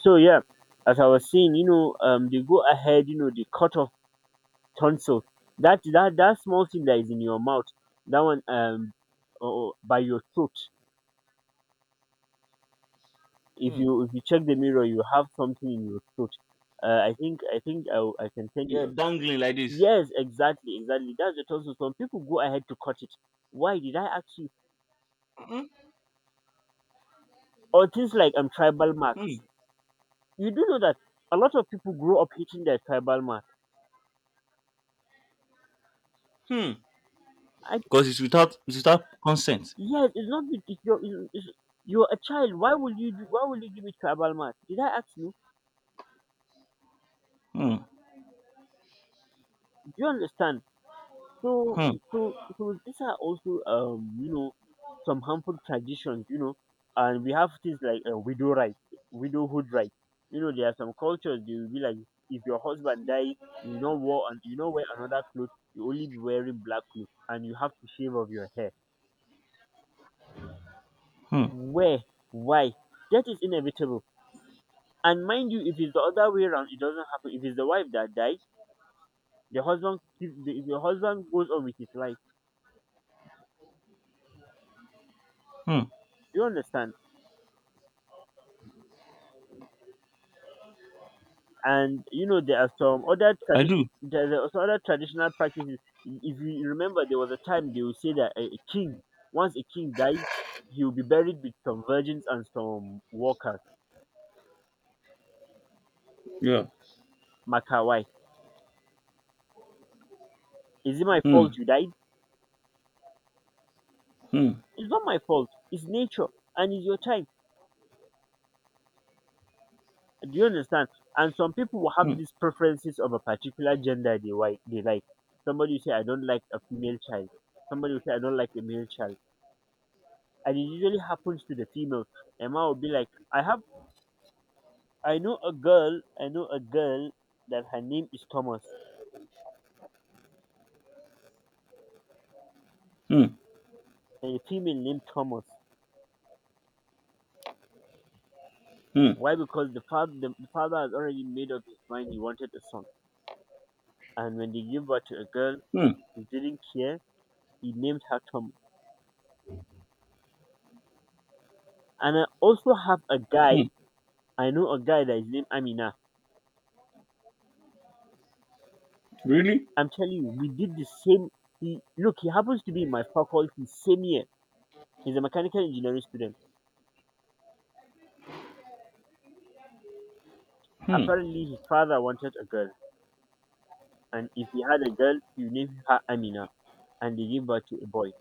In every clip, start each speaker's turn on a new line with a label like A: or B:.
A: So yeah, as I was saying, they go ahead, they cut off tonsil. That small thing that is in your mouth, that one, or by your throat. If
B: Hmm.
A: you if you check the mirror, you have something in your throat. I can tell
B: Yeah,
A: you.
B: dangling like this.
A: Yes, exactly, exactly. That's the tonsil. Some people go ahead to cut it. Why did I ask you? Or things like tribal
B: Hmm.
A: marks. You do know that a lot of people grow up hating their tribal mark.
B: Hmm.
A: I
B: Because it's without consent.
A: Yes, it's not with it's your it's you're a child. Why would you do why would you give it to a bald Did I ask you?
B: Hmm.
A: Do you understand? So
B: Hmm.
A: so these are also some harmful traditions, you know, and we have things like widow right, widowhood right. You know, there are some cultures they will be like if your husband die, you know wear and you know wear another clothes, you only be wearing black clothes and you have to shave off your hair.
B: Hmm.
A: Where? Why? That is inevitable. And mind you, if it's the other way around, it doesn't happen. If it's the wife that died, the husband goes on with his life.
B: Hmm.
A: Do you understand? And you know there are some other
B: I
A: tradition,
B: do.
A: there are some other traditional practices. If you remember, there was a time they would say that a king, once a king dies, he will be buried with some virgins and some workers.
B: Yeah.
A: Makawai, is it my fault
B: Hmm.
A: you died?
B: Hmm.
A: It's not my fault. It's nature and it's your time. Do you understand? And some people will have
B: Hmm.
A: these preferences of a particular gender they like. They like. Somebody will say, "I don't like a female child." Somebody will say, "I don't like a male child," and it usually happens to the female. Emma will be like, "I have, I know a girl that her name is Thomas,
B: Hmm.
A: and a female named Thomas.
B: Hmm.
A: Why? Because the father has already made up his mind. He wanted a son, and when they gave birth to a girl,
B: Hmm.
A: he didn't care. He named her Thomas. And I also have a
B: Hmm.
A: guy. I know a guy that is named Amina.
B: Really?
A: I'm telling you, we did the same. He, look, he happens to be in my faculty, same year. He's a mechanical engineering student.
B: Hmm.
A: Apparently, his father wanted a girl, and if he had a girl, he named her Amina, and they gave birth to a boy.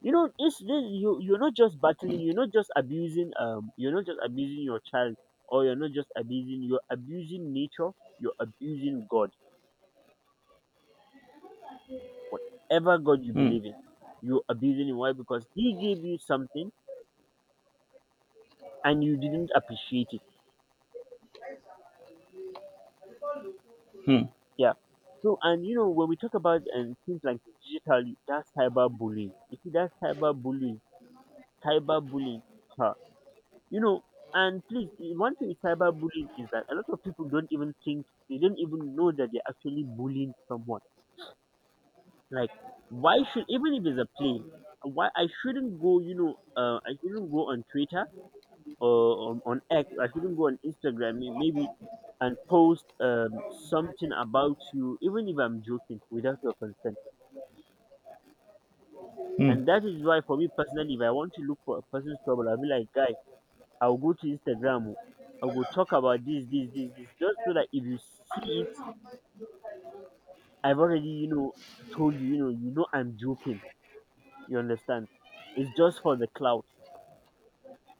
A: You know, it's this. You you're not just battling. You're not just abusing. You're not just abusing your child, or you're not just abusing. You're abusing nature. You're abusing God. Whatever God you
B: Hmm.
A: believe in, you're abusing him. Why? Because He gave you something, and you didn't appreciate it.
B: Hmm.
A: Yeah. So and you know when we talk about and things like digital, that's cyberbullying. You see, that's cyberbullying. Cyberbullying. Huh. You know, and please, one thing with cyberbullying is that a lot of people don't even think they don't even know that they're actually bullying someone. Like, why should even if it's a play, why I shouldn't go? I shouldn't go on Twitter or on X. I shouldn't go on Instagram. Maybe and post something about you, even if I'm joking, without your consent.
B: Hmm.
A: And that is why for me personally, if I want to look for a person's trouble, I'll be like, guy, I'll go to Instagram. Oh, I will go talk about this, this, this, this, just so that if you see it, I've already, you know, told you, I'm joking. You understand? It's just for the clout.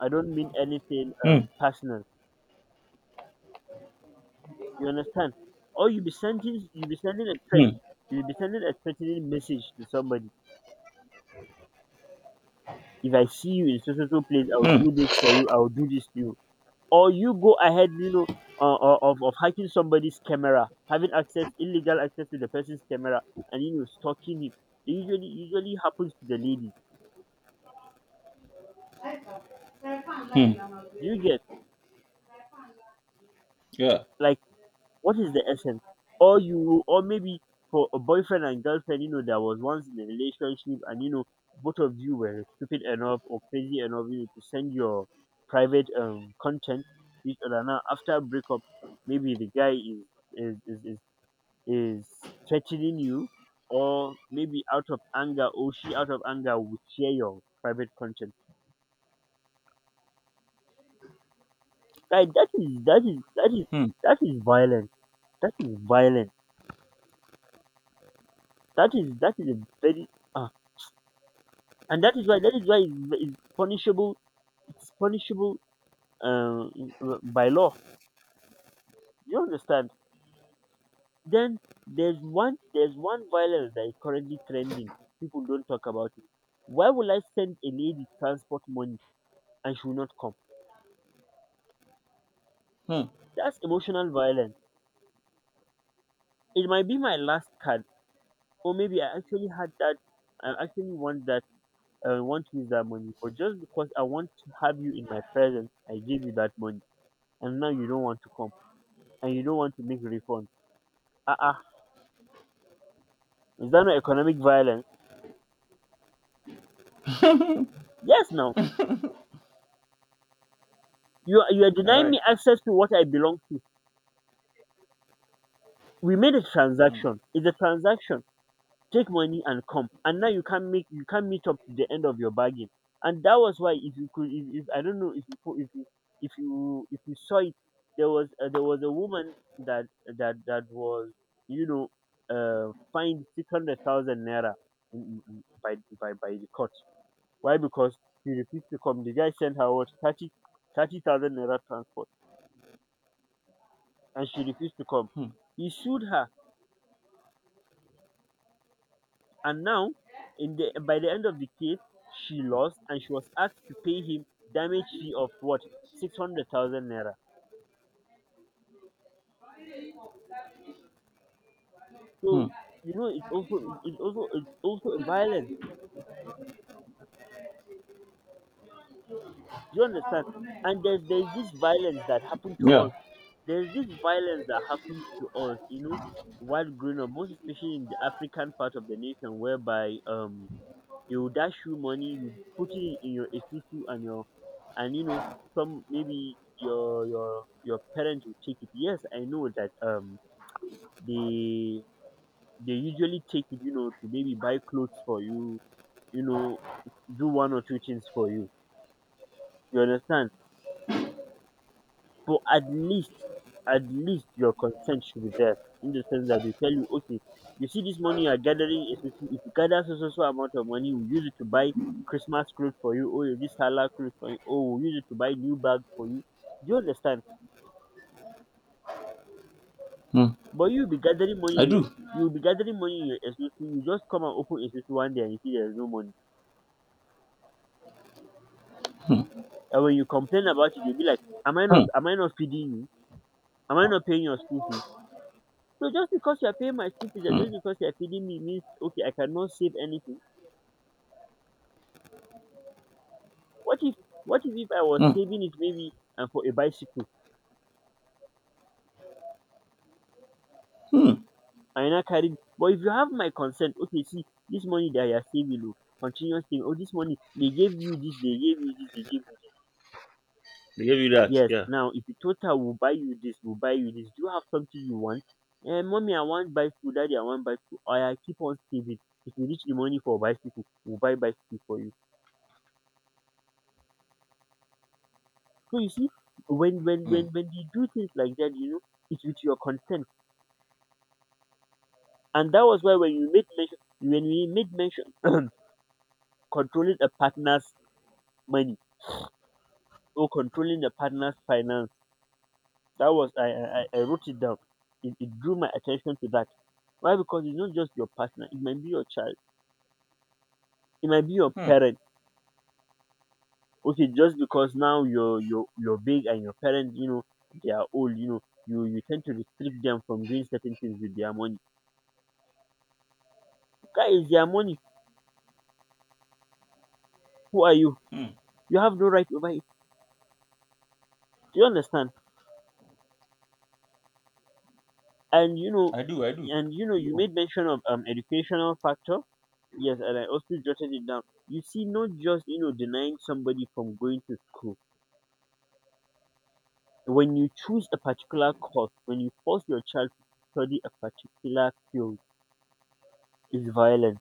A: I don't mean anything
B: Hmm.
A: personal. You understand? Or you be sending a threat,
B: Hmm.
A: you be sending a threatening message to somebody. If I see you in social place, I'll
B: Hmm.
A: do this for you. I'll do this to you. Or you go ahead, you know, of hacking somebody's camera, having access, illegal access to the person's camera, and you know stalking him. It usually happens to the ladies.
B: Hmm.
A: Do you get?
B: Yeah.
A: Like, what is the essence? Or you or maybe for a boyfriend and girlfriend, you know, that was once in a relationship, and you know both of you were stupid enough or crazy enough, you know, to send your private content to each other. Now after breakup, maybe the guy is is, is, is is threatening you, or maybe out of anger, or she out of anger would share your private content. Guy
B: Hmm.
A: that is violent, that is violent, that is a very ah, and that is why it's punishable. It's punishable, um by law. You understand? Then there's one violence that is currently trending. People don't talk about it. Why will I send a lady transport money and she will not come?
B: Hmm.
A: That's emotional violence. It might be my last card, or maybe I actually had that. I actually want that. I want to use that money, but just because I want to have you in my presence, I gave you that money, and now you don't want to come, and you don't want to make refund. Ah ah, is that not economic violence? Yes, now you are
B: All
A: denying
B: right.
A: me access to what I belong to. We made a
B: Hmm.
A: transaction. It's a transaction. Take money and come, and now you can't make you can't meet up to the end of your bargain. And that was why if you could if I don't know if you if you if you saw it, there was a woman that that was, you know, fined 600,000 naira in- by by the court. Why? Because she refused to come. The guy sent her what 30,000 naira transport, and she refused to come. He sued her. And now, in the by the end of the case, she lost, and she was asked to pay him damage fee of what 600,000 naira.
B: Hmm.
A: So you know it's also it's also violence. Do you understand? And there's this violence that happened to
B: Yeah.
A: us. There's this violence that happened to us. You know, while growing up, most especially in the African part of the nation, whereby they will dash you money, you put it in your esusu and your and you know some maybe your parents will take it. Yes, I know that they they usually take it, you know, to maybe buy clothes for you, you know, do one or two things for you. You understand? But at least your consent should be there in the sense that they tell you, okay, you see this money you are gathering, is if you gather so so so amount of money, we'll use it to buy Christmas clothes for you, or this halal clothes for you, or we'll use it to buy new bag for you. Do you understand?
B: Hmm.
A: But
B: I do.
A: you'll be gathering money in your SUC, you just come and open SUC one day and you see there's no money. And when you complain about it, you'll be like, am I
B: Hmm.
A: not feeding you? Am I not paying your school fees? So just because you are paying my school fees and
B: Hmm.
A: just because you are feeding me means okay, I cannot save anything. What if if I was
B: Hmm.
A: saving it maybe and for a bicycle and I carry it. But if you have my consent, okay, see this money that you are saving, oh, continuous thing, oh this money they gave you this, they gave you this, they gave you this.
B: They gave you that.
A: Yes,
B: Yeah.
A: now if you total will buy you this, will buy you this, do you have something you want? Eh, mommy, I want bicycle, daddy, I want bicycle. Or I keep on saving. If you reach the money for bicycle, we'll buy bicycle for you. So you see, when when
B: Hmm.
A: when when you do things like that, you know, it's with your consent. And that was why when we made mention controlling a partner's money or controlling a partner's finance, that was I wrote it down. It drew my attention to that. Why? Because it's not just your partner, it might be your child, it might be your
B: Hmm.
A: parent. Okay, just because now you're big and your parents, you know, they are old, you know, you tend to restrict them from doing certain things with their money. That is their money. Who are you?
B: Hmm.
A: You have no right over it. Do you understand? And you know,
B: I do. I do.
A: and you know, you
B: Yeah.
A: made mention of educational factor. Yes, and I also jotted it down. You see, not just denying somebody from going to school. When you choose a particular course, when you force your child to study a particular field, is violent,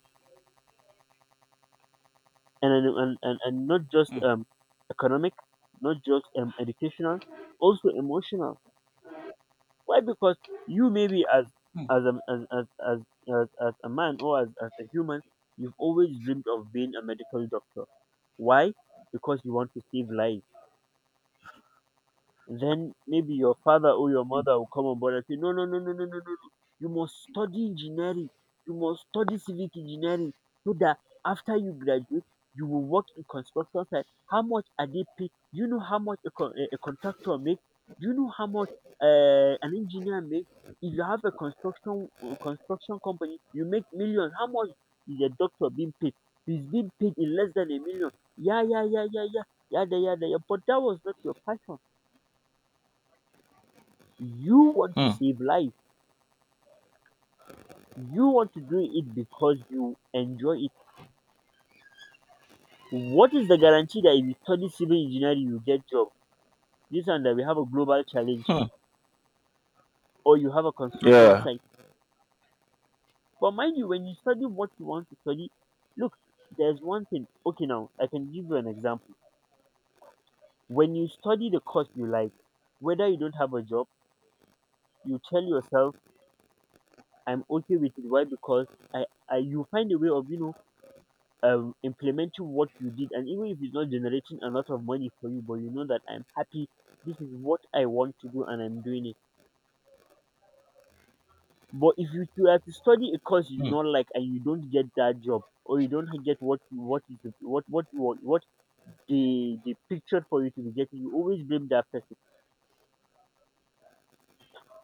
A: and not just
B: Hmm.
A: economic, not just educational, also emotional. Why? Because you maybe
B: Hmm.
A: as a as as as, as a man or as a human, you've always dreamed of being a medical doctor. Why? Because you want to save lives, then maybe your father or your mother will come on board and say, no, no, no, no, no, no, no, no. You must study engineering. You must study civic engineering so that after you graduate, you will work in construction site. How much are they paid? Do you know how much a contractor makes? Do you know how much an engineer makes? If you have a construction company, you make millions. How much is a doctor being paid? He's being paid in less than a million. Yeah, yeah, yeah, yeah, yeah, yeah, yeah, yeah. yeah. But that was not your passion, you want to
B: Hmm.
A: save life. You want to do it because you enjoy it. What is the guarantee that if you study civil engineering, you get job? This and that, we have a global challenge,
B: Hmm.
A: or you have a construction
B: Yeah.
A: site. But mind you, when you study what you want to study, look, there's one thing. Okay, now I can give you an example. When you study the course you like, whether you don't have a job, you tell yourself, "I'm okay with it." Why? Because I you find a way of implementing what you did, and even if it's not generating a lot of money for you, but you know that I'm happy, this is what I want to do and I'm doing it. But if you have to study a course you do
B: Hmm.
A: not like and you don't get that job, or you don't get what you what you what you want, what the picture for you to be getting, you always blame that person.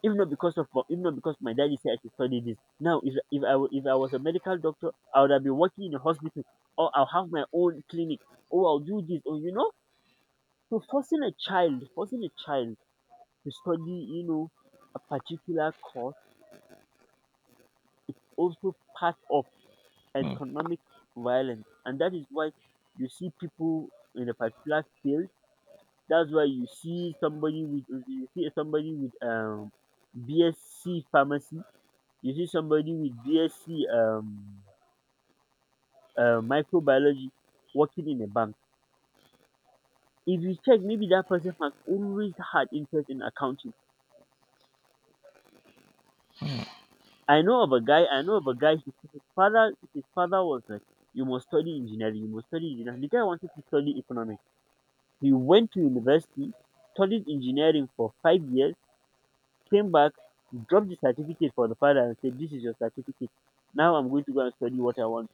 A: If not because of, if not because my daddy said I should study this, now if I was a medical doctor, I would have been working in a hospital, or I'll have my own clinic, or I'll do this, or you know. So forcing a child to study a particular course is also part of
B: Hmm.
A: economic violence, and that is why you see people in a particular field, that's why you see somebody with you see somebody with BSc pharmacy, you see somebody with BSc microbiology working in a bank. If you check, maybe that person has always had interest in accounting. I know of a guy, his father his father was like, you must study engineering, you must study engineering. The guy wanted to study economics. He went to university, studied engineering for 5 years, came back, dropped the certificate for the father and said, "This is your certificate. Now I'm going to go and study what I want."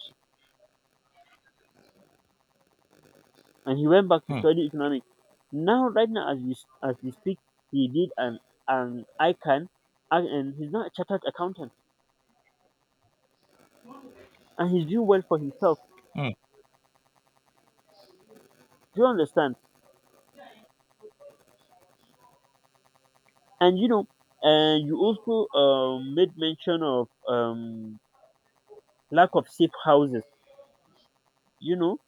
A: And he went back to
B: Hmm.
A: study economics. Now right now as we speak, he did an ICANN, and he's now a chartered accountant and he's doing well for himself.
B: Hmm.
A: Do you understand? And you know, and you also made mention of lack of safe houses. You know,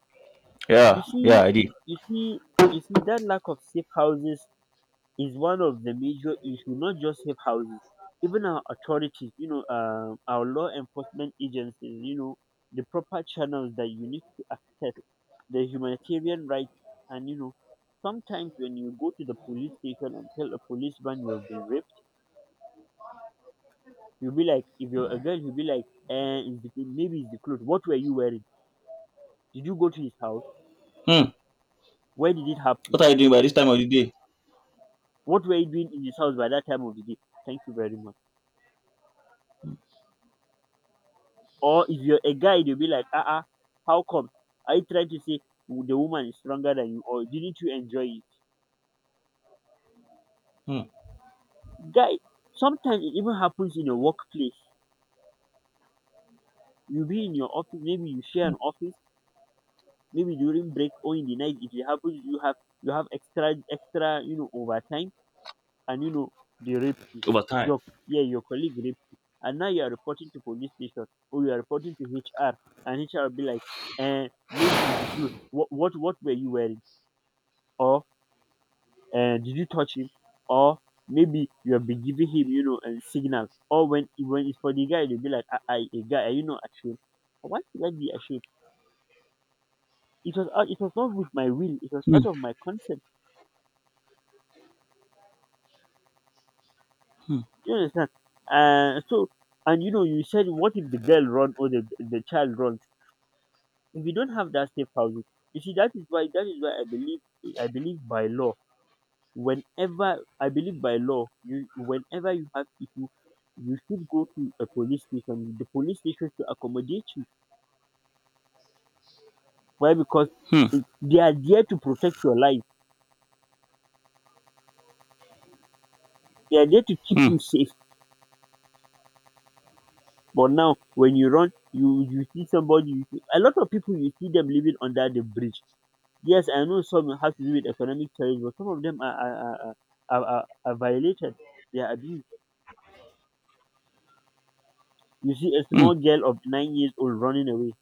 A: you
B: Yeah.
A: see,
B: Yeah. I did.
A: you see, you see that lack of safe houses is one of the major issues. Not just safe houses, even our authorities. You know, our law enforcement agencies. You know, the proper channels that you need to access the humanitarian rights, and you know, sometimes when you go to the police station and tell a policeman you've been raped, you'll be like, if you're a girl, you'll be like, eh, maybe it's the clothes. What were you wearing? Did you go to his house?
B: Hmm.
A: Where did it happen?
B: What are you doing by this time of the day?
A: What were you doing in his house by that time of the day? Thank you very much. Or if you're a guy, they'll be like, ah, uh-uh, how come? Are you trying to say the woman is stronger than you, or didn't you enjoy it?
B: Hmm.
A: Guy, sometimes it even happens in your workplace. You'll be in your office, maybe you share an office, maybe during break or in the night. If it happens, you have extra, you know, overtime. Anino, they raped you.
B: Over time.
A: Your, yeah, your colleague raped you. And now you are reporting to police station, or you are reporting to HR, and HR will be like, eh, maybe it's the clothes. What were you wearing? Or eh, did you touch him? Or maybe you have been giving him, you know, a signal. Or when it's for the guy, they'll be like, I a guy, are you not ashamed? Why should I be ashamed? It was not with my will. It was
B: Hmm.
A: out of my consent.
B: Hmm.
A: You understand? So and you know, you said, what if the girl run, or the child run? We don't have that safe housing. You see, that is why I believe, I believe by law, whenever I believe by law, you whenever you have issue, you should go to a police station. The police station should accommodate you. Why? Because
B: Hmm.
A: it, they are there to protect your life. They are there to keep
B: Hmm.
A: you safe. But now, when you run, you see somebody. You see, a lot of people, you see them living under the bridge. Yes, I know some has to do with economic challenge, but some of them are violated. They are abused. You see a
B: Hmm.
A: small girl of 9 years old running away,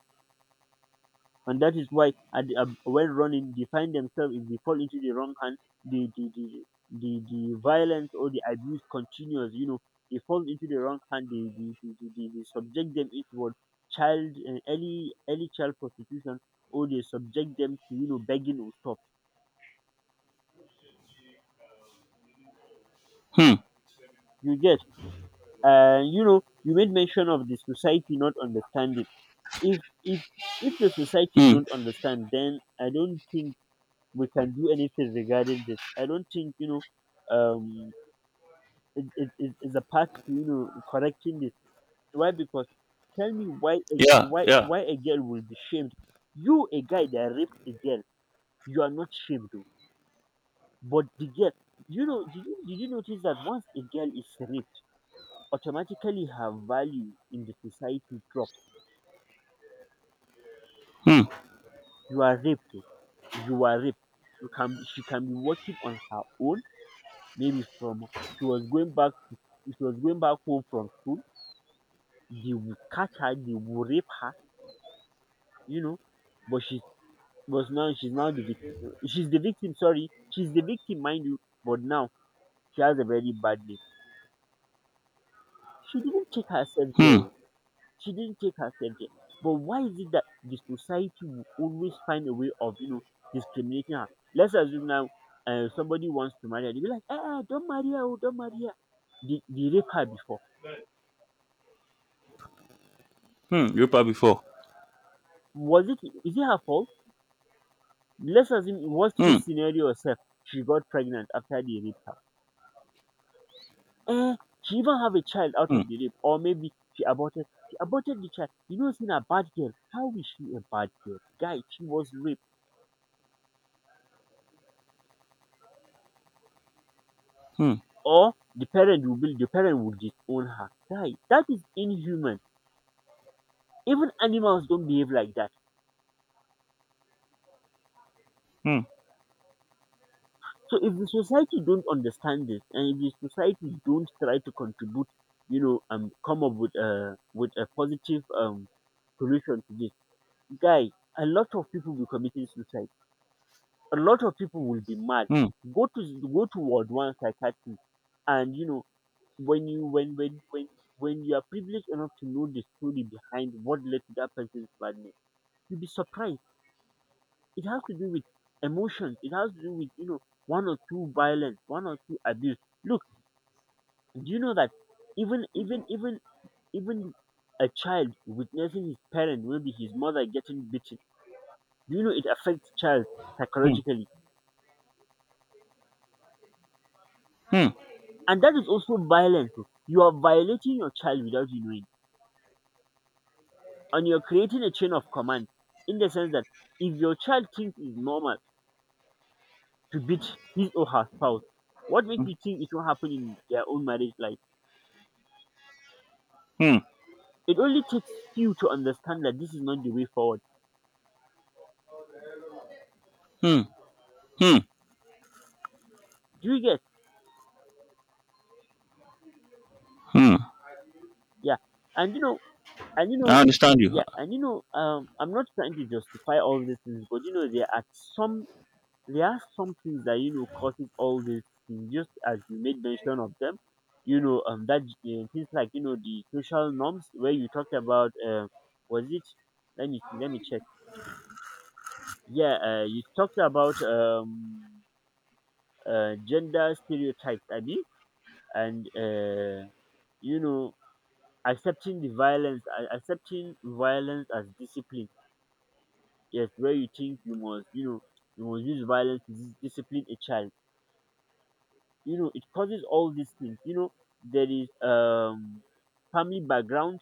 A: and that is why at the, when running they find themselves, if they fall into the wrong hand, the the, the the violence or the abuse continues. You know, they fall into the wrong hand, they subject them into what, child early child prostitution, or they subject them to, you know, begging or stuff.
B: Hmm.
A: You get, you know, you made mention of the society not understanding. If if if the society
B: Hmm.
A: don't understand, then I don't think we can do anything regarding this. I don't think, you know, um it is a path to, you know, correcting this. Why? Because tell me why
B: Yeah. Yeah.
A: why a girl will be shamed? You, a guy that raped a girl, you are not shamed, though, but the girl. You know, did you notice that once a girl is raped, automatically her value in the society drops.
B: Hmm.
A: You are raped. Oh. You are raped. You can, she can be working on her own maybe from she was going back to she was going back home from school, they will catch her, they will rape her, you know. But she's but now she's now the victim. She's the victim. Sorry, she's the victim, mind you. But now she has a very bad name. She didn't take herself
B: Hmm.
A: there. Oh. She didn't take herself there. But why is it that the society will always find a way of, you know, discriminating her? Let's assume now, somebody wants to marry her. They be like, eh, eh, don't marry her, oh, don't marry her. They rape her before.
B: Hmm. You probably before.
A: Was it is it her fault? Let's assume in worst
B: Hmm.
A: case scenario herself, she got pregnant after they raped her. Eh, she even have a child out
B: Hmm.
A: of the rape, or maybe she aborted the child. You know she's a bad girl. How is she a bad girl? Guy, she was raped,
B: Hmm.
A: or the parent will disown her. Guy, that is inhuman. Even animals don't behave like that.
B: Hmm.
A: So if the society don't understand this, and if the society don't try to contribute, and come up with a positive solution to this, guy, a lot of people will be committing suicide, a lot of people will be mad,
B: Hmm.
A: go to ward one psychiatrist. And when you when when when when you are privileged enough to know the story behind what led to that person's madness, you'll be surprised. It has to do with emotions, it has to do with, one or two violence, one or two abuse. Look, do you know that even even even even a child witnessing his parent, maybe his mother, getting beaten, do you know it affects child
B: Hmm.
A: psychologically?
B: Hmm.
A: And that is also violence. Oh. You are violating your child without you knowing. And you're creating a chain of command, in the sense that if your child thinks it's normal to beat his or her spouse, what makes you think it won't happen in their own marriage life?
B: Hmm.
A: It only takes you to understand that this is not the way forward.
B: Hmm. Hmm.
A: Do you get?
B: Hmm.
A: Yeah. And you know, and you
B: I
A: know,
B: understand you.
A: yeah, I'm not trying to justify all these things, but there are some things that causes all these things, just as you made mention of them. That things like the social norms where you talked about. Was it? Let me see, let me check. Yeah, you talked about gender stereotypes, Abby, and you know accepting the violence, accepting violence as discipline. Yes, where you think you must, you must use violence to discipline a child. It causes all these things. There is family background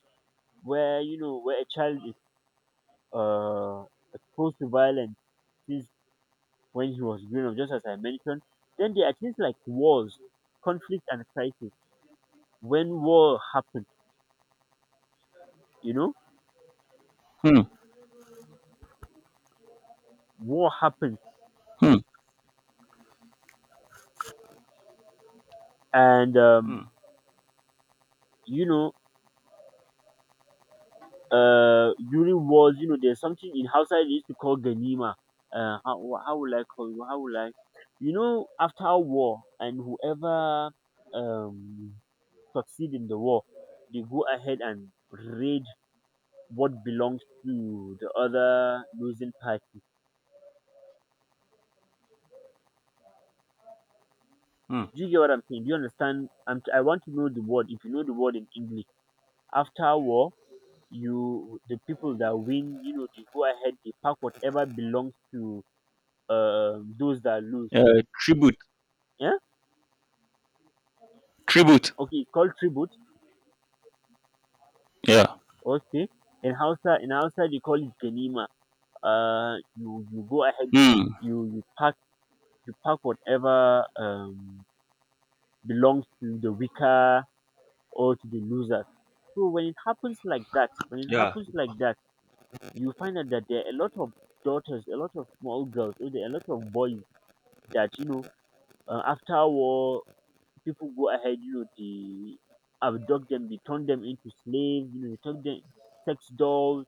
A: where you know where a child is uh exposed to violence since when he was growing up, just as I mentioned. Then there are things like wars, conflict, and crisis. When war happens, you know
B: Hmm.
A: war happens,
B: Hmm.
A: and
B: Hmm.
A: you know during wars, there's something in Hausa they used to call ganima. How will I call you? How will I? After war, and whoever um succeed in the war, they go ahead and raid what belongs to the other losing party.
B: Hmm.
A: Do you get what I'm saying? Do you understand? I want to know the word. If you know the word in English, after war, you the people that win, they go ahead, they pack whatever belongs to those that lose.
B: Tribute.
A: Yeah?
B: Tribute.
A: Okay, it's called tribute.
B: Yeah.
A: Okay. In Hausa, they call it ganima. You go ahead,
B: Hmm.
A: you you pack whatever belongs to the weaker or to the loser. So when it happens like that, when it
B: Yeah.
A: happens like that, you find out that there are a lot of daughters, a lot of small girls, or there are a lot of boys that after war, people go ahead, they abduct them, they turn them into slaves, they turn them sex dolls.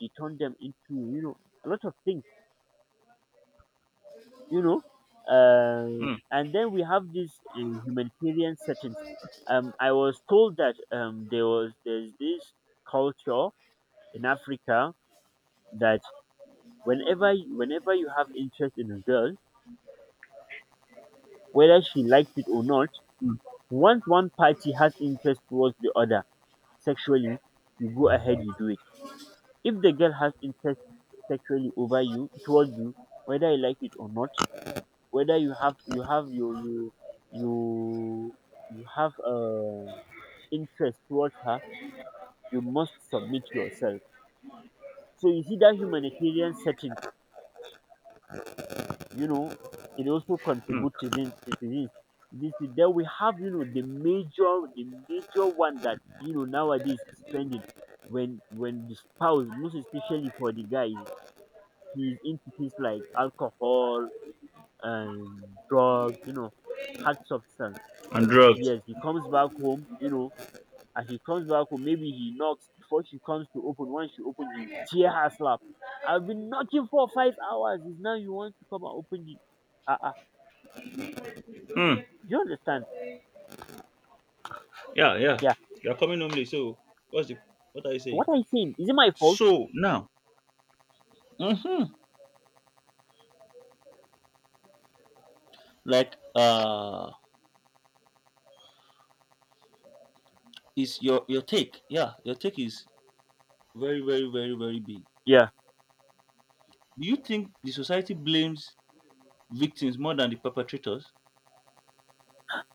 A: They turned them into a lot of things, you know
B: Hmm.
A: and then we have these humanitarian settings. I was told that there's this culture in Africa, that whenever you have interest in a girl, whether she likes it or not, once one party has interest towards the other sexually, you go ahead, you do it. If the girl has interest sexually over you, towards you, whether you like it or not, whether you you have interest towards her, you must submit yourself. So you see that humanitarian setting, you know, it also
B: Hmm.
A: contributes to this. To this. This, then we have, the major, one that nowadays is trending. When the spouse, most especially for the guy, he's into things like alcohol and drugs, hard substance.
B: And drugs.
A: Yes, he comes back home, as he comes back home, maybe he knocks before she comes to open. Once she opens, he tear her slap. I've been knocking for 5 hours. Is now you want to come and open the uh uh
B: Hmm.
A: do you understand?
B: Yeah. Yeah.
A: Yeah.
B: You're coming home late, so what's the what are you saying?
A: What I saying? Is it my fault?
B: So now. Mm-hmm. Like is your take. Yeah, your take is very, very, very, very big.
A: Yeah.
B: Do you think the society blames victims more than the perpetrators?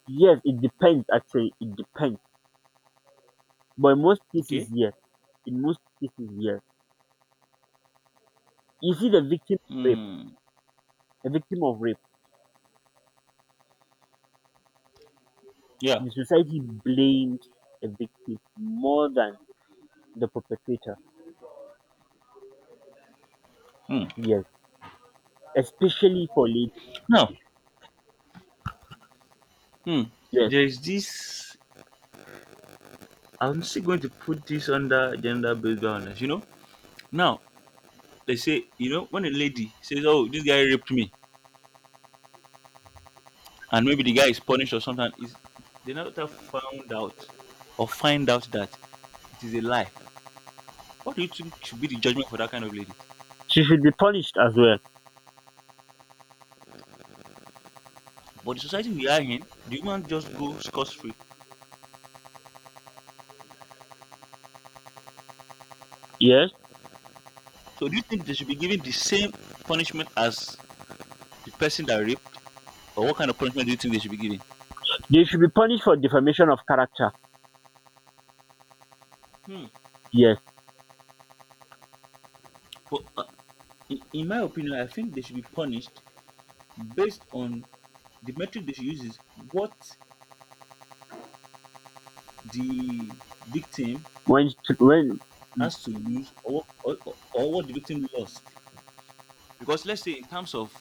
A: Yes, it depends actually. It depends. But in most
B: Okay.
A: cases, yes. In most cases, yes. You see the victim of rape,
B: Hmm.
A: a victim of rape.
B: Yeah.
A: The society blames a victim more than the perpetrator.
B: Hmm.
A: Yes. Especially for late.
B: Now, hmm.
A: Yes.
B: There is this. I'm still going to put this under gender based violence, you know? Now they say, you know, when a lady says, "Oh, this guy raped me," and maybe the guy is punished or something, is they never found out or find out that it is a lie. What do you think should be the judgment for that kind of lady?
A: She should be punished as well,
B: But the society we are in, the woman just go scot free.
A: yes.
B: So do you think they should be given the same punishment as the person that raped, or what kind of punishment do you think they should be given?
A: They should be punished for defamation of character,
B: Hmm.
A: yes.
B: But in my opinion, I think they should be punished based on the metric they should use is what the victim
A: When, when,
B: has to lose or what the victim lost. Because let's say in terms of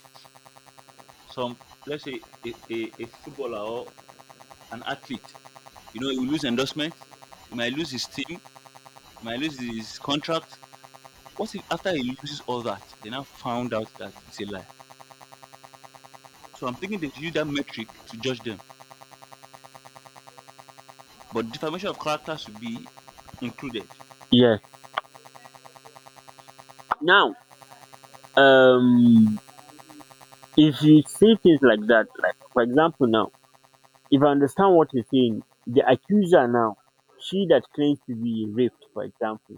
B: some, let's say a footballer or an athlete. You know, he will lose endorsement, he might lose his team, he might lose his contract. What if after he loses all that, they now found out that it's a lie? So I'm thinking they use that metric to judge them. But defamation of character should be included.
A: yes. Now, um, if you say things like that, like for example, now, if I understand what you're saying, the accuser now, she that claims to be raped, for example,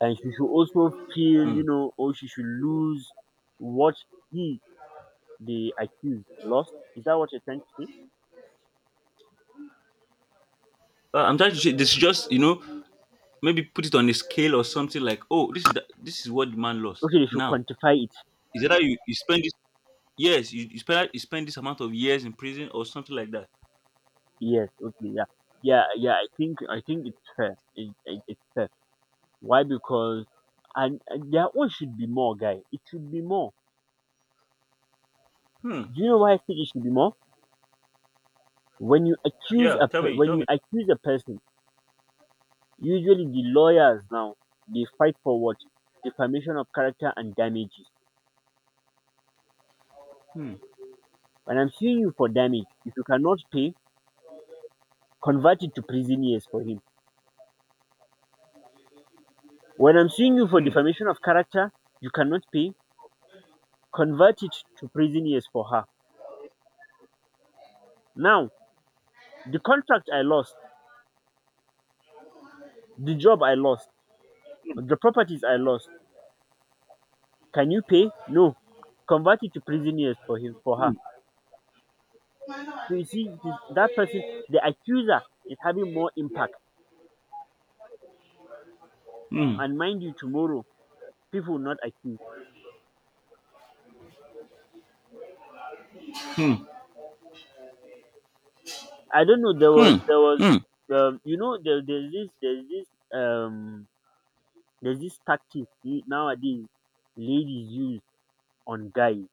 A: and she should also feel,
B: Mm.
A: or she should lose what he, the accused, lost. Is that what you're trying to say?
B: But I'm trying to say this is just, you know, maybe put it on a scale or something like, oh, this is the, this is what the man lost.
A: Okay, they should
B: Now,
A: quantify it.
B: is that you spend this yes, you, you spend this amount of years in prison or something like that.
A: Yes. Okay. Yeah. Yeah. Yeah. I think it's fair. It's fair. Why? Because and their own should be more, guy. It should be more.
B: Hmm.
A: Do you know why I think it should be more? When you accuse
B: Yeah,
A: a
B: tell
A: pe-
B: me,
A: when
B: tell
A: you
B: me.
A: accuse a person, usually the lawyers now, they fight for what? Defamation of character and damages.
B: Hmm.
A: When I'm suing you for damage, if you cannot pay, convert it to prison years for him. When I'm suing you for
B: Hmm.
A: defamation of character, you cannot pay, convert it to prison years for her. Now, the contract I lost, the job I lost, the properties I lost. Can you pay? No. Convert it to prison years for him, for her. So you see, it is that person, the accuser, is having more impact.
B: Mm.
A: And mind you, tomorrow people will not accuse.
B: Mm.
A: I don't know.
B: Mm.
A: There was,
B: Mm.
A: you know, there, um there's this tactic nowadays ladies use on guys.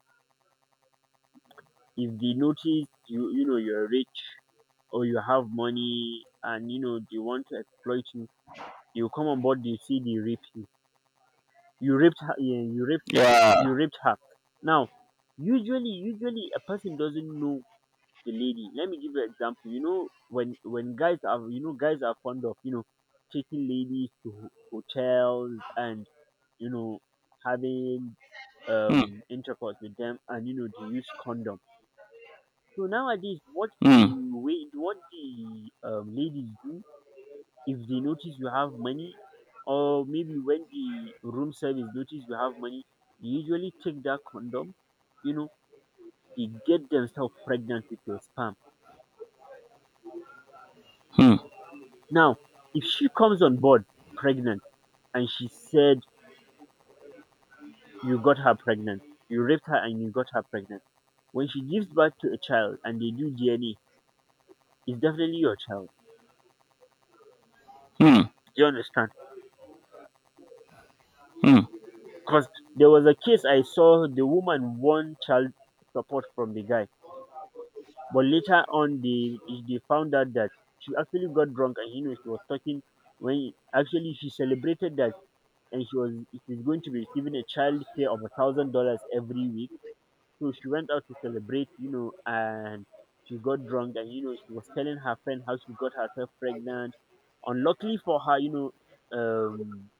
A: If they notice you, you know you're rich or you have money, and they want to exploit you, you come on board, you see the raping. You raped her, yeah,
B: Yeah.
A: you raped her. Now, usually, a person doesn't know, the lady. Let me give you an example. When guys are, guys are fond of, taking ladies to hotels, and you know having
B: Mm.
A: intercourse with them, and they use condom. So nowadays, what, the
B: Mm.
A: way what the ladies do, if they notice you have money, or maybe when the room service notice you have money, they usually take that condom, you know, they get themselves pregnant with your sperm.
B: Mm. Mm.
A: Now, if she comes on board pregnant, and she said you got her pregnant, you raped her and you got her pregnant, when she gives birth to a child and they do DNA, it's definitely your child.
B: Mm.
A: Do you understand?
B: Mm.
A: Because there was a case I saw, the woman won child support from the guy. But later on, they found out that she actually got drunk, and she was talking when actually she celebrated that, and she's going to be receiving a child care of $1,000 every week. So she went out to celebrate, and she got drunk, and she was telling her friend how she got herself pregnant. Unluckily for her, um,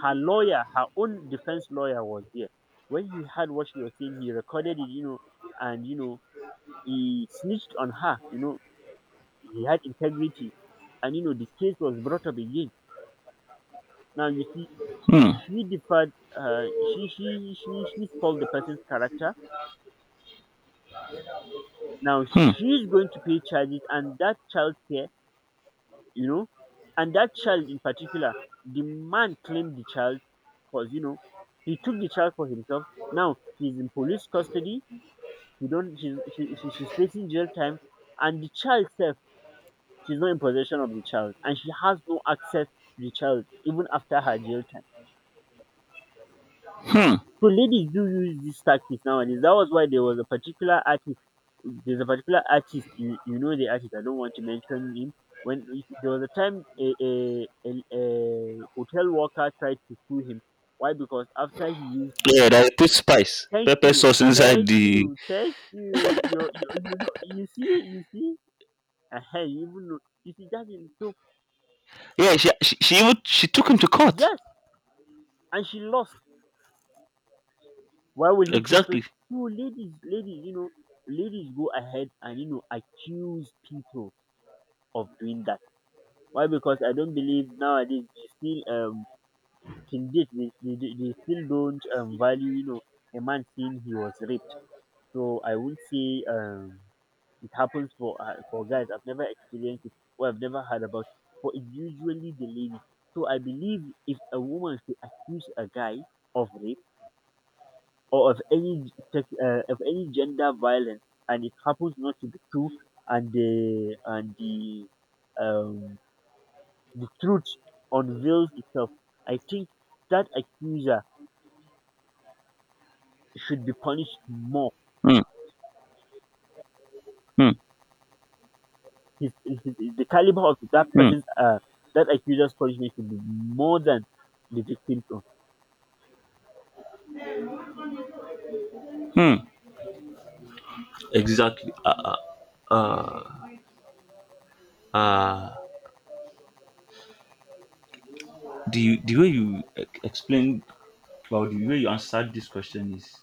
A: her lawyer, her own defense lawyer, was there. When he heard what she was saying, he recorded it, and he snitched on her. He had integrity, and the case was brought up again. Now you see, she deferred, she spoiled the person's character. Now
B: Mm.
A: she's going to pay charges, and that child care, you know and that child in particular, the man claimed the child, because he took the child for himself. Now he's in police custody. He don't she's facing jail time, and the child self, she's not in possession of the child, and she has no access to the child even after her jail time.
B: Mm.
A: So ladies do use this tactics nowadays. That was why there was a particular artist. There's a particular artist. You know the artist. I don't want to mention him. When there was a time, a hotel worker tried to sue him. Why? Because after he used,
B: Yeah, they put spice,
A: thank
B: pepper
A: you,
B: sauce inside
A: thank
B: the.
A: you, thank you. You know, you see, you see. Uh-huh, you even know, you see, that is so.
B: Yeah, she even she took him to court.
A: Yes, and she lost. Why will he put
B: Exactly.
A: no, ladies go ahead and accuse people of doing that. Why? Because I don't believe nowadays they still, till date, they still don't value, a man saying he was raped. So I would say, it happens for guys. I've never experienced it, or I've never heard about it. But it's usually the ladies. So I believe if a woman should accuse a guy of rape or of any of any gender violence and it happens not to be true and um the truth unveils itself. I think that accuser should be punished more.
B: Mm. Mm.
A: his, his, the caliber of that
B: Mm.
A: person's, that accuser's punishment should be more than the victim's own.
B: Mm. Exactly. Uh, uh, uh, the explained well the way you answered this question is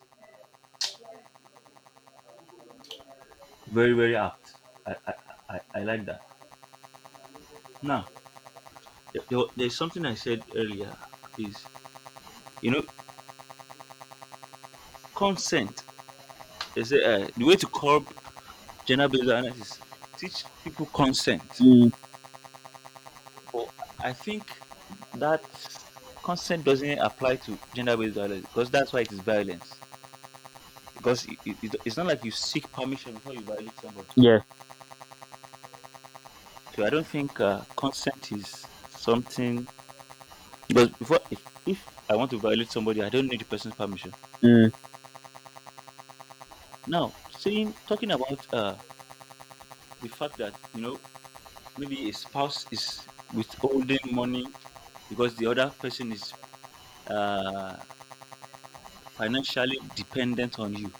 B: very very apt. I I, I like that. Now, there- there- there's something I said earlier is, you know, consent. They say the way to curb gender-based violence is teach people consent.
A: Mm,
B: But I think that consent doesn't apply to gender-based violence because that's why it is violence. Because it's not like you seek permission before you violate somebody.
A: yes.
B: So I don't think consent is something. Because before, if I want to violate somebody, I don't need the person's permission.
A: Mm,
B: Now, saying talking about the fact that you know maybe a spouse is withholding money because the other person is uh, financially dependent on you.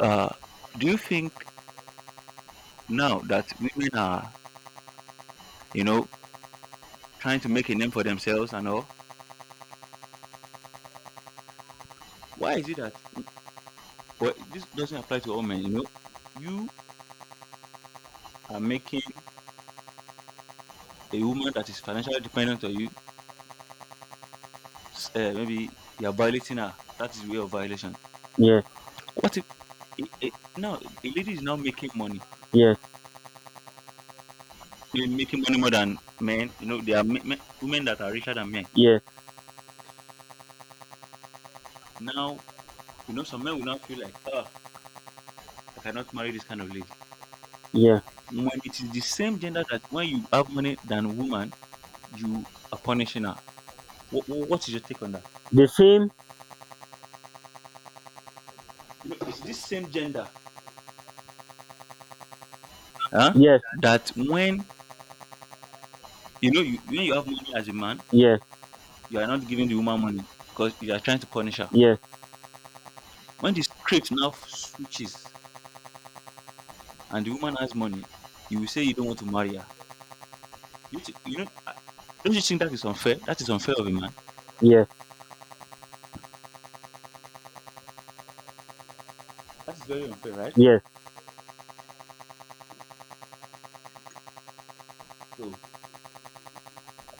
B: Uh, do you think now that women are, you know, trying to make a name for themselves and all? Why is it that? Well, this doesn't apply to all men. You know, you are making a woman that is financially dependent on you. Maybe you are violating her. That is way of violation.
A: yes,
B: What if? It, now a lady is now making money.
A: yes,
B: They're making money more than men. You know, there are men, men, women that are richer than men.
A: yes,
B: Now, you know, some men will now feel like, oh, I cannot marry this kind of lady.
A: yes,
B: When it is the same gender that when you have money than woman, you are punishing her. What is your take on that?
A: the same.
B: You know, it's this same gender, huh?
A: Yes,
B: That when you know you when you have money as a man,
A: yes,
B: you are not giving the woman money because you are trying to punish her.
A: yes,
B: When the script now switches and the woman has money, you will say you don't want to marry her. You know, don't you think that is unfair? That is unfair of a man.
A: yes,
B: That is very unfair, right?
A: yes.
B: So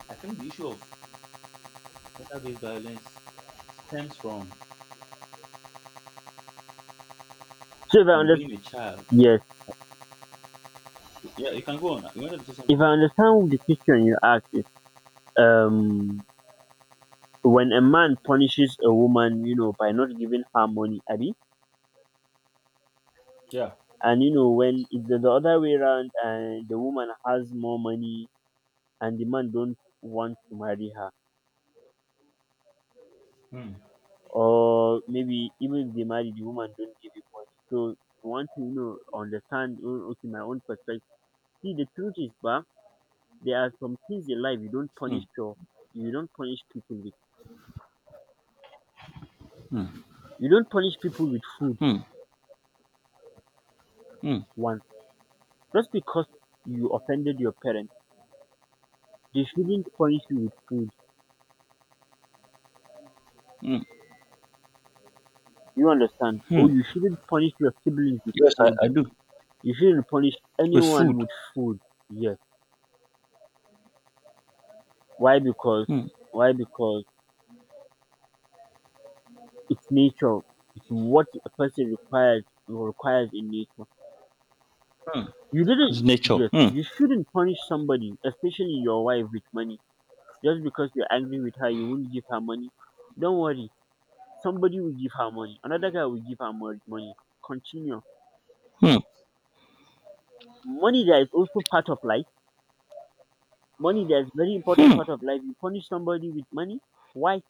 B: I think the issue of gender-based violence stems
A: So if I
B: from
A: understand.
B: being a child.
A: Yes.
B: Yeah, you can go on. You wanted to say
A: If
B: something?
A: I understand the question you asked, it's um when a man punishes a woman, you know, by not giving her money, Abby,
B: Yeah.
A: and you know when it's the other way around, and the woman has more money and the man don't want to marry her,
B: Hmm.
A: or maybe even if they marry, the woman don't give him money. So you want to understand, oh, okay, my own perspective. See, the truth is, but there are some things in life you don't
B: Hmm.
A: punish your you don't punish people with
B: Hmm.
A: you don't punish people with food.
B: Hmm. Hmm.
A: One. Just because you offended your parents, they shouldn't punish you with food. You understand?
B: Hmm.
A: Or
B: Mm.
A: you shouldn't punish your siblings with
B: Yes,
A: food.
B: I do.
A: You shouldn't punish
B: It's
A: anyone
B: food.
A: with food. Yes. Why? Because
B: Hmm.
A: why? Because it's nature. It's what a person requires in nature.
B: Hmm.
A: You
B: It's
A: didn't,
B: nature.
A: yes,
B: Hmm.
A: you shouldn't punish somebody, especially your wife with money. Just because you're angry with her, you won't give her money. Don't worry. Somebody will give her money. Another guy will give her money. Continue.
B: Hmm.
A: Money there is also part of life. Money there is very important
B: Hmm.
A: part of life. You punish somebody with money. Why?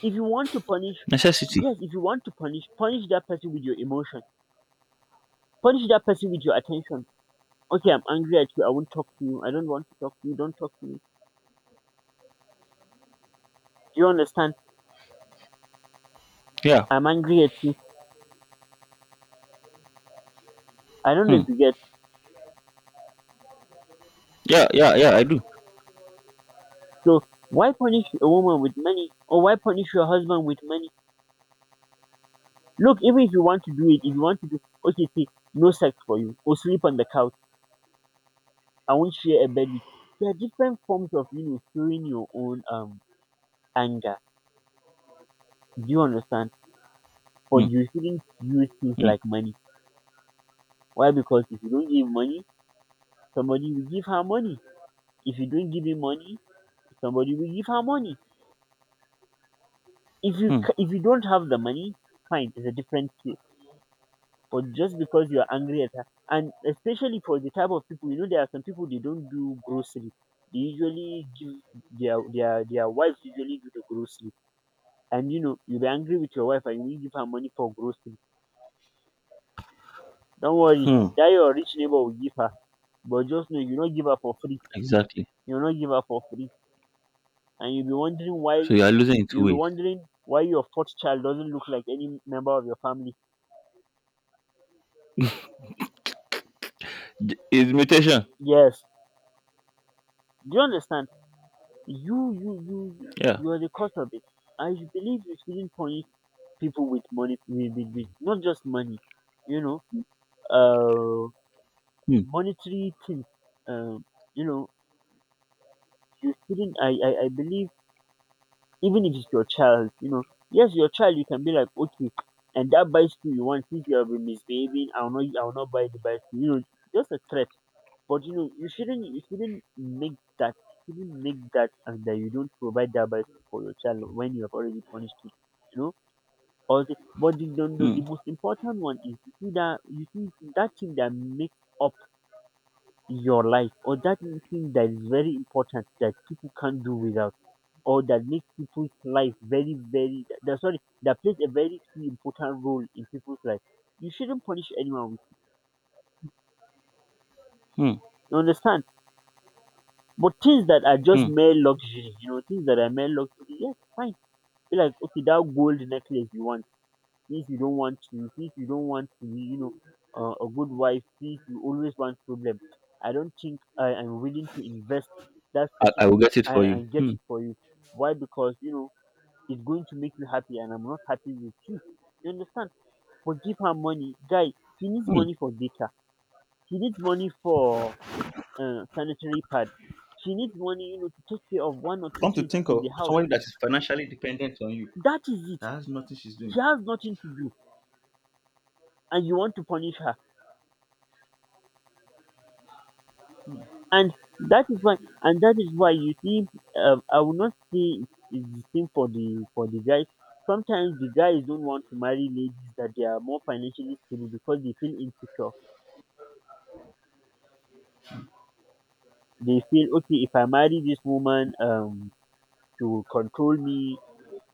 A: If you want to punish,
B: Necessity.
A: yes, if you want to punish, punish that person with your emotion. Punish that person with your attention. Okay, I'm angry at you. I won't talk to you. I don't want to talk to you. Don't talk to me. Do you understand?
B: Yeah.
A: I'm angry at you. I don't know
B: Hmm.
A: if you get.
B: Yeah, yeah, yeah, I do.
A: So why punish a woman with money, or why punish your husband with money? Look, even if you want to do it, if you want to do, okay, see, no sex for you, or sleep on the couch. I won't share a bed with. There are different forms of, you know, showing your own anger. Do you understand?
B: Hmm.
A: But you shouldn't use things
B: Hmm.
A: like money. Why? Because if you don't give money, somebody will give her money. If you don't give him money, somebody will give her money. If you
B: Hmm.
A: if you don't have the money, fine, it's a different case. But just because you are angry at her, and especially for the type of people, you know, there are some people they don't do grocery. They usually give their wives usually do the grocery. And you know, you'll be angry with your wife and you will give her money for grocery. Don't worry,
B: Hmm.
A: that your rich neighbor will give her. But just know you don't give her for free.
B: Exactly.
A: You don't give her for free. And you'll be wondering why
B: So you are losing in two
A: you'll be
B: ways.
A: wondering why your fourth child doesn't look like any member of your family.
B: D- It's mutation.
A: Yes. Do you understand? You you you you
B: Yeah.
A: you are the cause of it. I believe you shouldn't punish people with money with, not just money, you know, uh
B: Hmm.
A: monetary things. Um, you know, you shouldn't I believe even if it's your child, you know. Yes, your child you can be like, okay, and that bicycle you want, since you have been misbehaving, I will not buy the bicycle. You know, just a threat. But you know, you shouldn't make that, you shouldn't make that, and that you don't provide that bicycle for your child when you have already punished him. You know, or the, but the, the, the,
B: Hmm.
A: the most important one is you see that thing that makes up your life, or that thing that is very important that people can't do without or that makes people's life very, very that sorry that plays a very key important role in people's life. You shouldn't punish anyone.
B: Hmm.
A: You understand? But things that are just
B: Hmm.
A: mere luxury, you know, things that are mere luxury, yes, fine. Be like, okay, that gold necklace you want. Since you don't want to be, you know, a good wife, since you always want problem. I don't think I am willing to invest that certain
B: I will get it for
A: and,
B: you.
A: and get
B: Hmm.
A: it for you. Why? Because you know it's going to make you happy, and I'm not happy with you. You understand? For give her money. Guy, she needs
B: Hmm.
A: money for data, she needs money for sanitary pad, she needs money, you know, to take care of one or two
B: Come to
A: things
B: think
A: in the
B: of
A: house.
B: somebody that is financially dependent on you.
A: That is it.
B: That has nothing she's
A: She
B: doing.
A: has nothing to do and you want to punish her. And that is why you see, I will not say it's the same for the guys. Sometimes the guys don't want to marry ladies that they are more financially stable because they feel insecure. They feel okay, if I marry this woman, she will control me,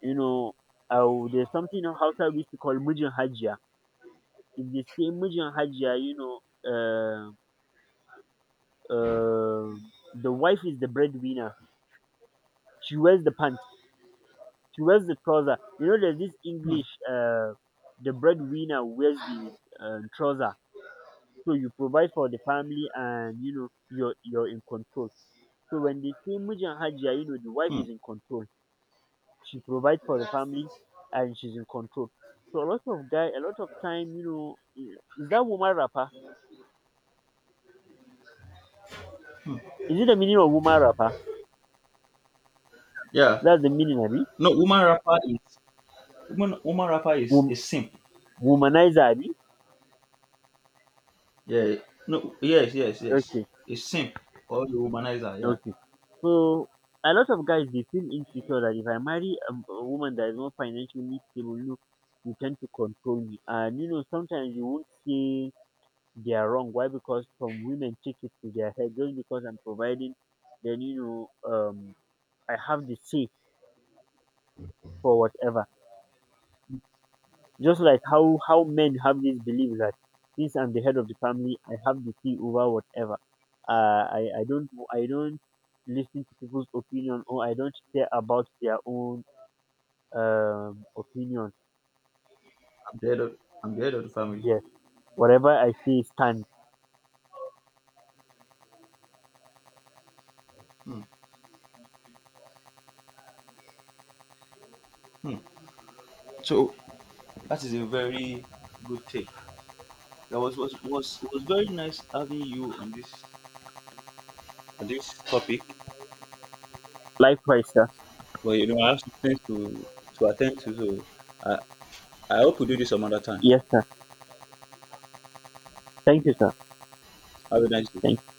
A: you know. Oh, there's something in Hausa we used to call Mijin Hajiya. If they say Mijin Hajiya, you know, uh, uh, the wife is the breadwinner. She wears the pants. She wears the trouser. You know, there's this English, the breadwinner wears the trouser. So you provide for the family and, you know, you're in control. So when they say Mijin Hajiya, you know, the wife
B: Hmm.
A: is in control. She provide for the family and she's in control. So a lot of guy, a lot of time, you know, is that woman rapper? Is it the meaning of woman rapper?
B: Yeah.
A: That's the meaning, abi?
B: No, woman rapper is woman woman rapper is
A: Wom-
B: a simp.
A: Womanizer, abi?
B: Yeah. No. Yes. Yes. Yes.
A: Okay,
B: A simp or the womanizer. Yeah.
A: okay. So a lot of guys they feel insecure that if I marry a woman that is not financially stable, look, you tend to control me, and you know sometimes you won't say they are wrong. Why? Because some women take it to their head just because I'm providing, then you know, I have the say for whatever. Just like how men have this belief that since I'm the head of the family, I have the key over whatever. I don't I don't listen to people's opinion or I don't care about their own opinion.
B: I'm the head of I'm the head of the family.
A: Yes, whatever I say stands.
B: Hmm. Hmm. So that is a very good take. That was very nice having you on this topic.
A: Likewise, sir.
B: But you know, I have some things to attend to, so I I hope we do this some other time.
A: Yes, sir. Thank you, sir.
B: Have a nice day.
A: Thank.